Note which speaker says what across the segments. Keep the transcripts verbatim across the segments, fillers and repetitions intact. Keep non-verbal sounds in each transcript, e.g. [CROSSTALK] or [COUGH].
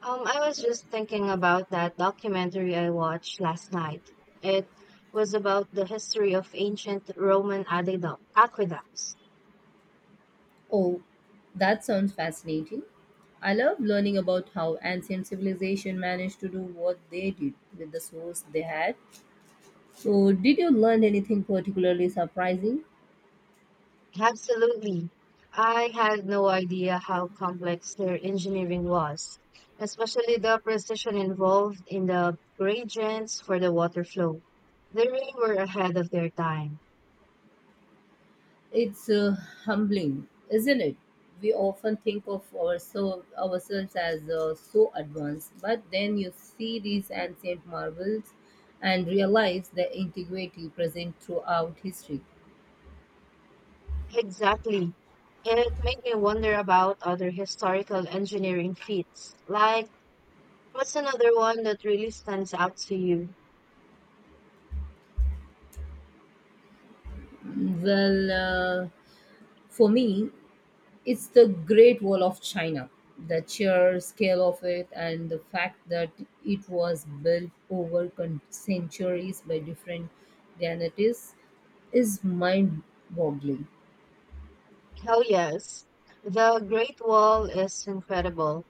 Speaker 1: Um, I was just thinking about that documentary I watched last night. It was about the history of ancient Roman adedu- aqueducts.
Speaker 2: Oh, that sounds fascinating. I love learning about how ancient civilization managed to do what they did with the source they had. So, did you learn anything particularly surprising?
Speaker 1: Absolutely. I had no idea how complex their engineering was, especially the precision involved in the gradients for the water flow. They really were ahead of their time.
Speaker 2: It's uh, humbling, isn't it? We often think of ourselves, ourselves as uh, so advanced, but then you see these ancient marvels and realize the integrity present throughout history.
Speaker 1: Exactly. It made me wonder about other historical engineering feats, like, what's another one that really stands out to you?
Speaker 2: Well, uh, for me, it's the Great Wall of China, the sheer scale of it, and the fact that it was built over con- centuries by different Ganatis is mind boggling.
Speaker 1: Hell yes. The Great Wall is incredible.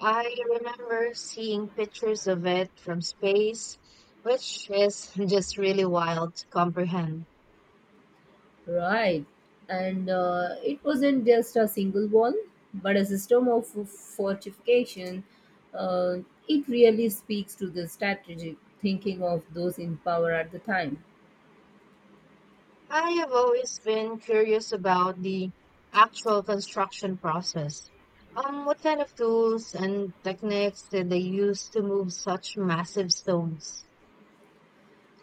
Speaker 1: I remember seeing pictures of it from space, which is [LAUGHS] just really wild to comprehend.
Speaker 2: Right. And uh, it wasn't just a single wall, but a system of fortification. Uh, it really speaks to the strategic thinking of those in power at the time.
Speaker 1: I have always been curious about the actual construction process. Um, what kind of tools and techniques did they use to move such massive stones?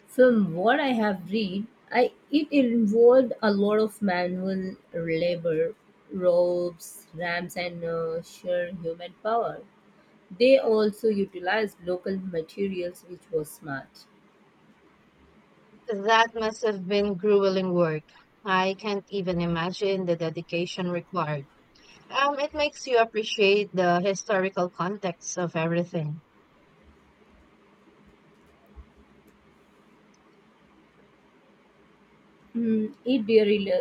Speaker 2: From what I have read, I, it involved a lot of manual labor, ropes, ramps, and uh, sheer human power. They also utilized local materials, which was smart.
Speaker 1: That must have been grueling work. I can't even imagine the dedication required. Um, it makes you appreciate the historical context of everything.
Speaker 2: Mm, it really,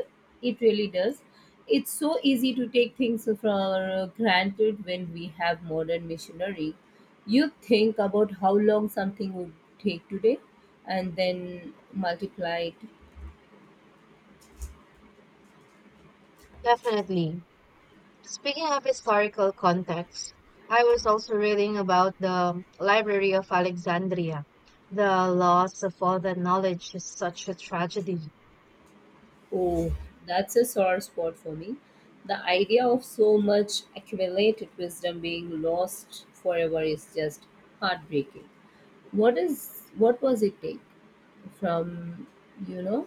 Speaker 2: it really does. It's so easy to take things for granted when we have modern machinery. You think about how long something would take today, and then multiply it.
Speaker 1: Definitely. Speaking of historical context, I was also reading about the Library of Alexandria. The loss of all that knowledge is such a tragedy.
Speaker 2: Oh, that's a sore spot for me. The idea of so much accumulated wisdom being lost forever is just heartbreaking. What is what was it take from you know?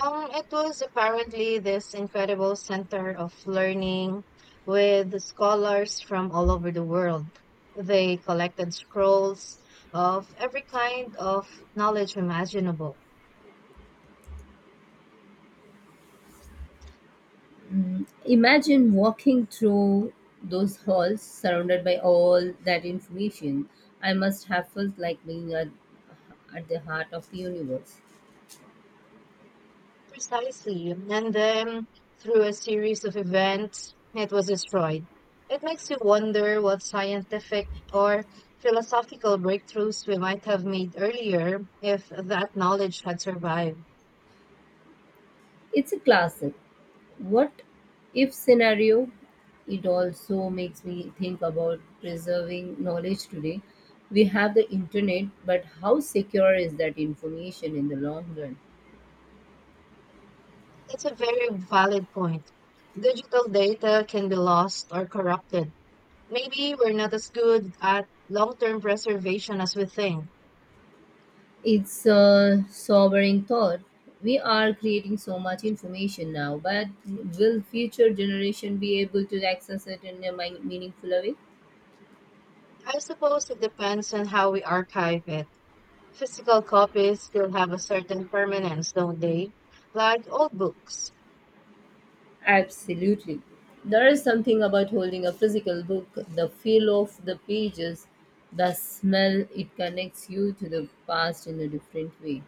Speaker 1: Um, it was apparently this incredible center of learning with scholars from all over the world. They collected scrolls of every kind of knowledge imaginable.
Speaker 2: Mm, imagine walking through those halls surrounded by all that information. I must have felt like being at, at the heart of the universe.
Speaker 1: Precisely. And then through a series of events, it was destroyed. It makes you wonder what scientific or philosophical breakthroughs we might have made earlier if that knowledge had survived.
Speaker 2: It's a classic what if scenario. It also makes me think about preserving knowledge today. We have the internet, but how secure is that information in the long run?
Speaker 1: That's a very valid point. Digital data can be lost or corrupted. Maybe we're not as good at long term preservation as we think.
Speaker 2: It's a sobering thought. We are creating so much information now, but will future generation be able to access it in a mi- meaningful way?
Speaker 1: I suppose it depends on how we archive it. Physical copies still have a certain permanence, don't they? Like old books.
Speaker 2: Absolutely. There is something about holding a physical book, the feel of the pages, the smell, it connects you to the past in a different way.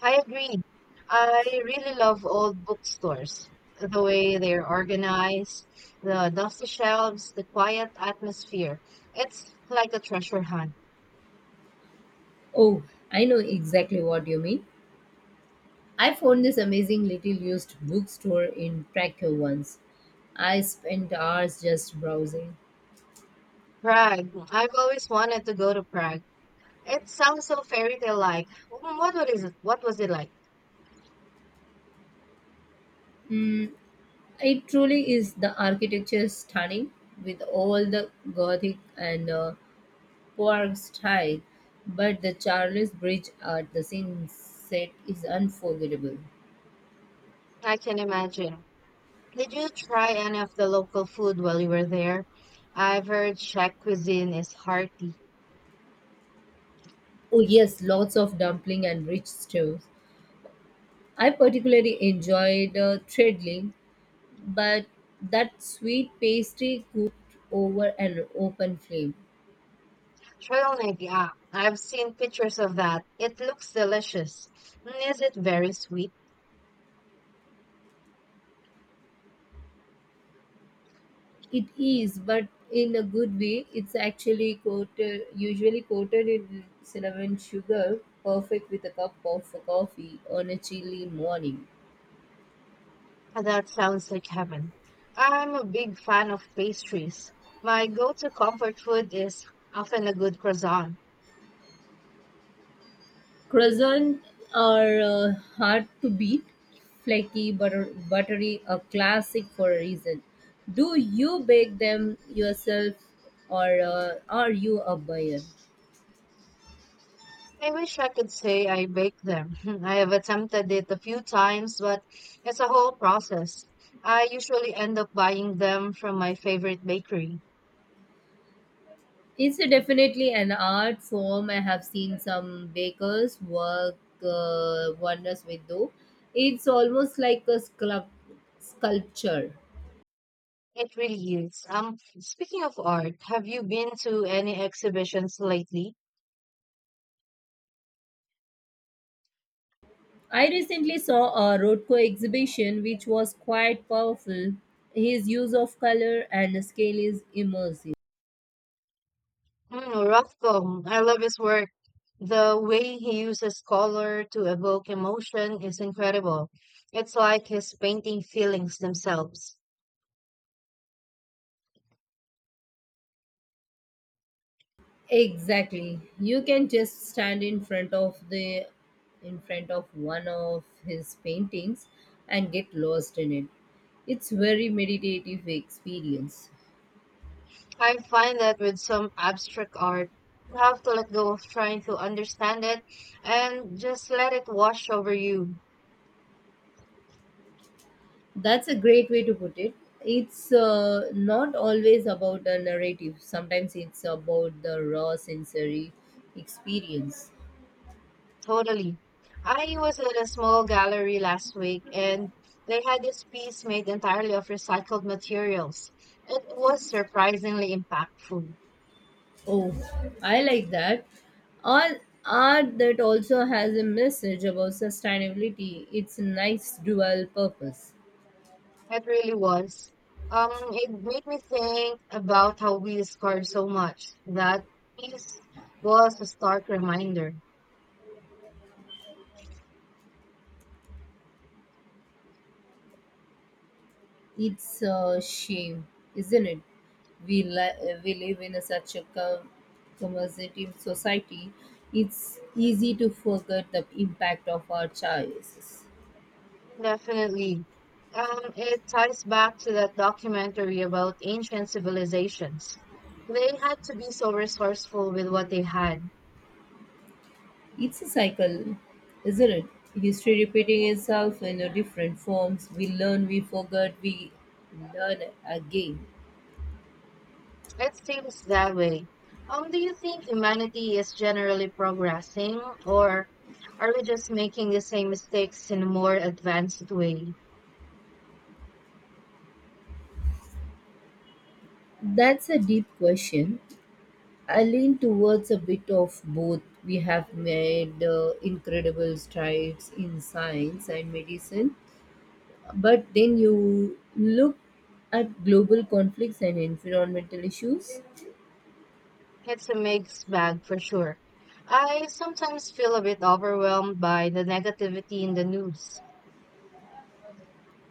Speaker 1: I agree. I really love old bookstores. The way they're organized, the dusty shelves, the quiet atmosphere. It's like a treasure hunt.
Speaker 2: Oh, I know exactly what you mean. I found this amazing little used bookstore in Krakow once. I spent hours just browsing.
Speaker 1: Prague. I've always wanted to go to Prague. It sounds so fairy tale like. What was it? What was it like?
Speaker 2: It truly is the architecture is stunning with all the Gothic and uh, Park style, but the Charles Bridge at the sunset is unforgettable.
Speaker 1: I can imagine. Did you try any of the local food while you were there? I've heard Czech cuisine is hearty.
Speaker 2: Oh yes, lots of dumpling and rich stews. I particularly enjoyed uh, treadling, but that sweet pastry cooked over an open flame.
Speaker 1: Trailneck, yeah. I've seen pictures of that. It looks delicious. Mm, is it very sweet?
Speaker 2: It is, but in a good way. It's actually coated, usually coated in cinnamon sugar, perfect with a cup of coffee on a chilly morning.
Speaker 1: That sounds like heaven. I'm a big fan of pastries. My go-to comfort food is often a good croissant.
Speaker 2: Croissants are uh, hard to beat, flaky, butter, buttery, a classic for a reason. Do you bake them yourself or uh, are you a buyer?
Speaker 1: I wish I could say I bake them. [LAUGHS] I have attempted it a few times, but it's a whole process. I usually end up buying them from my favorite bakery.
Speaker 2: It's a definitely an art form. I have seen some bakers work uh, wonders with dough. It's almost like a sculpt- sculpture.
Speaker 1: It really is. Um, speaking of art, have you been to any exhibitions lately?
Speaker 2: I recently saw a Rothko exhibition which was quite powerful. His use of color and scale is immersive.
Speaker 1: Mm, Rothko, I love his work. The way he uses color to evoke emotion is incredible. It's like he's painting feelings themselves.
Speaker 2: Exactly. You can just stand in front of the in front of one of his paintings and get lost in it. It's very meditative experience.
Speaker 1: I find that with some abstract art, you have to let go of trying to understand it and just let it wash over you.
Speaker 2: That's a great way to put it. It's uh, not always about a narrative. Sometimes it's about the raw sensory experience.
Speaker 1: Totally. I was at a small gallery last week and they had this piece made entirely of recycled materials. It was surprisingly impactful.
Speaker 2: Oh, I like that. All art that also has a message about sustainability. It's a nice dual purpose.
Speaker 1: It really was. Um, it made me think about how we discard so much. That piece was a stark reminder.
Speaker 2: It's a shame, isn't it? We li- we live in a such a com- commerciative society. It's easy to forget the impact of our choices.
Speaker 1: Definitely. Um, it ties back to that documentary about ancient civilizations. They had to be so resourceful with what they had.
Speaker 2: It's a cycle, isn't it? History repeating itself in a different forms. We learn, we forget, we learn again.
Speaker 1: It seems that way. Um, do you think humanity is generally progressing, or are we just making the same mistakes in a more advanced way?
Speaker 2: That's a deep question. I lean towards a bit of both. We have made uh, incredible strides in science and medicine, but then you look at global conflicts and environmental issues.
Speaker 1: It's a mixed bag for sure. I sometimes feel a bit overwhelmed by the negativity in the news.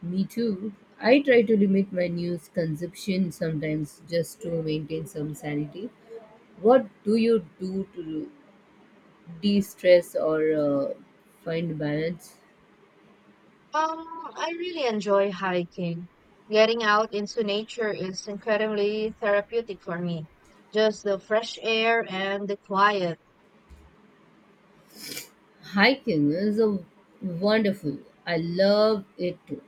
Speaker 2: Me too. I try to limit my news consumption sometimes just to maintain some sanity. What do you do to de stress or uh, find balance?
Speaker 1: Um, I really enjoy hiking. Getting out into nature is incredibly therapeutic for me. Just the fresh air and the quiet.
Speaker 2: Hiking is a wonderful. I love it too.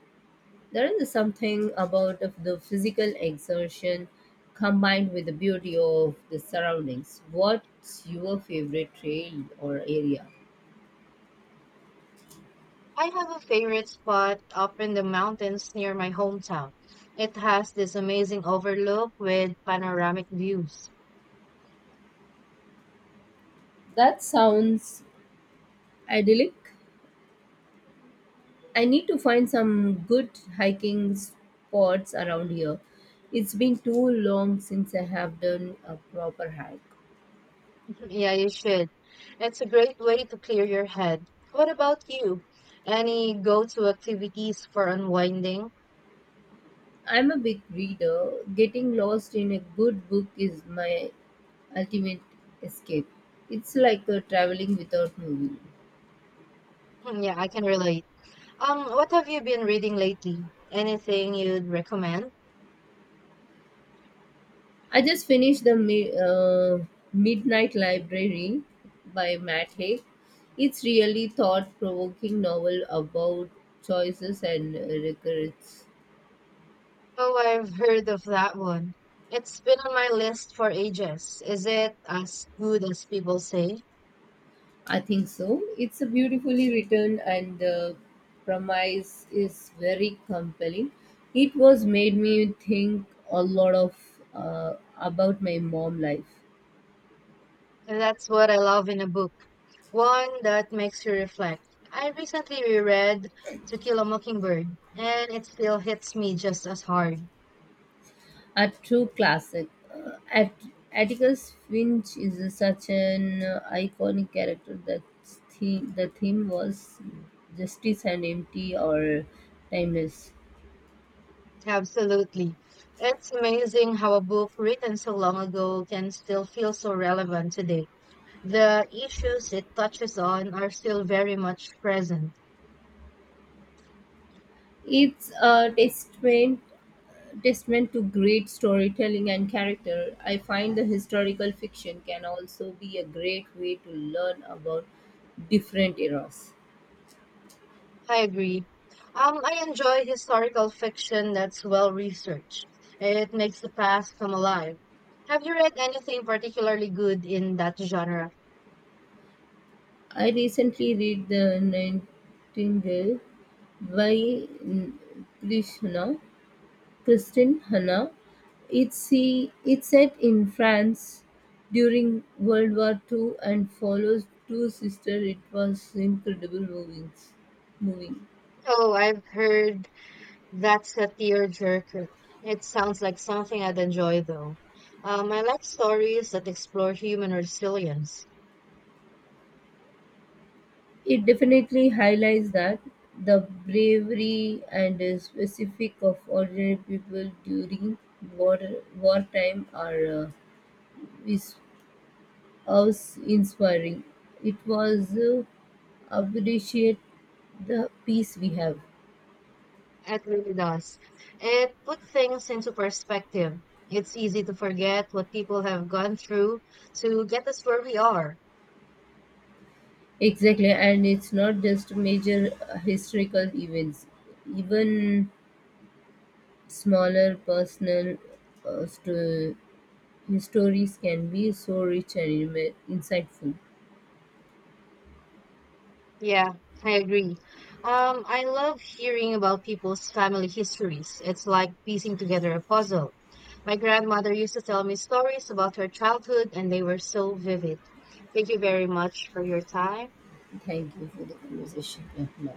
Speaker 2: There is something about of the physical exertion combined with the beauty of the surroundings. What's your favorite trail or area?
Speaker 1: I have a favorite spot up in the mountains near my hometown. It has this amazing overlook with panoramic views.
Speaker 2: That sounds idyllic. I need to find some good hiking spots around here. It's been too long since I have done a proper hike.
Speaker 1: [LAUGHS] Yeah, you should. It's a great way to clear your head. What about you? Any go-to activities for unwinding?
Speaker 2: I'm a big reader. Getting lost in a good book is my ultimate escape. It's like uh, traveling without moving.
Speaker 1: [LAUGHS] Yeah, I can relate. Um, what have you been reading lately? Anything you'd recommend?
Speaker 2: I just finished the mi- uh, Midnight Library by Matt Haig. It's really thought-provoking novel about choices and uh, regrets.
Speaker 1: Oh, I've heard of that one. It's been on my list for ages. Is it as good as people say?
Speaker 2: I think so. It's a beautifully written, and the premise is very compelling. It was made me think a lot of uh, about my mom life.
Speaker 1: And that's what I love in a book, one that makes you reflect. I recently reread To Kill a Mockingbird, and it still hits me just as hard.
Speaker 2: A true classic. Uh, At Atticus Finch is a- such an uh, iconic character that theme, the theme was justice and empty or timeless.
Speaker 1: Absolutely. It's amazing how a book written so long ago can still feel so relevant today. The issues it touches on are still very much present.
Speaker 2: It's a testament Testament to great storytelling and character, I find the historical fiction can also be a great way to learn about different eras.
Speaker 1: I agree. Um, I enjoy historical fiction that's well researched. It makes the past come alive. Have you read anything particularly good in that genre?
Speaker 2: I recently read The Nightingale by N- Krishna, Christine Hanna. It's, see, it's set in France during World War two and follows two sisters. It was incredible moving. moving.
Speaker 1: Oh, I've heard that's a tearjerker. It sounds like something I'd enjoy, though. Um, I like stories that explore human resilience.
Speaker 2: It definitely highlights that the bravery and uh, specific of ordinary people during war wartime are uh, is was inspiring. It was uh, appreciate the peace we have.
Speaker 1: It really does. It puts things into perspective. It's easy to forget what people have gone through to get us where we are.
Speaker 2: Exactly, and it's not just major uh, historical events, even smaller personal uh, sto- stories can be so rich and inme- insightful.
Speaker 1: Yeah, I agree. Um, I love hearing about people's family histories. It's like piecing together a puzzle. My grandmother used to tell me stories about her childhood, and they were so vivid. Thank you very much for your time.
Speaker 2: Thank You for the conversation. It bye.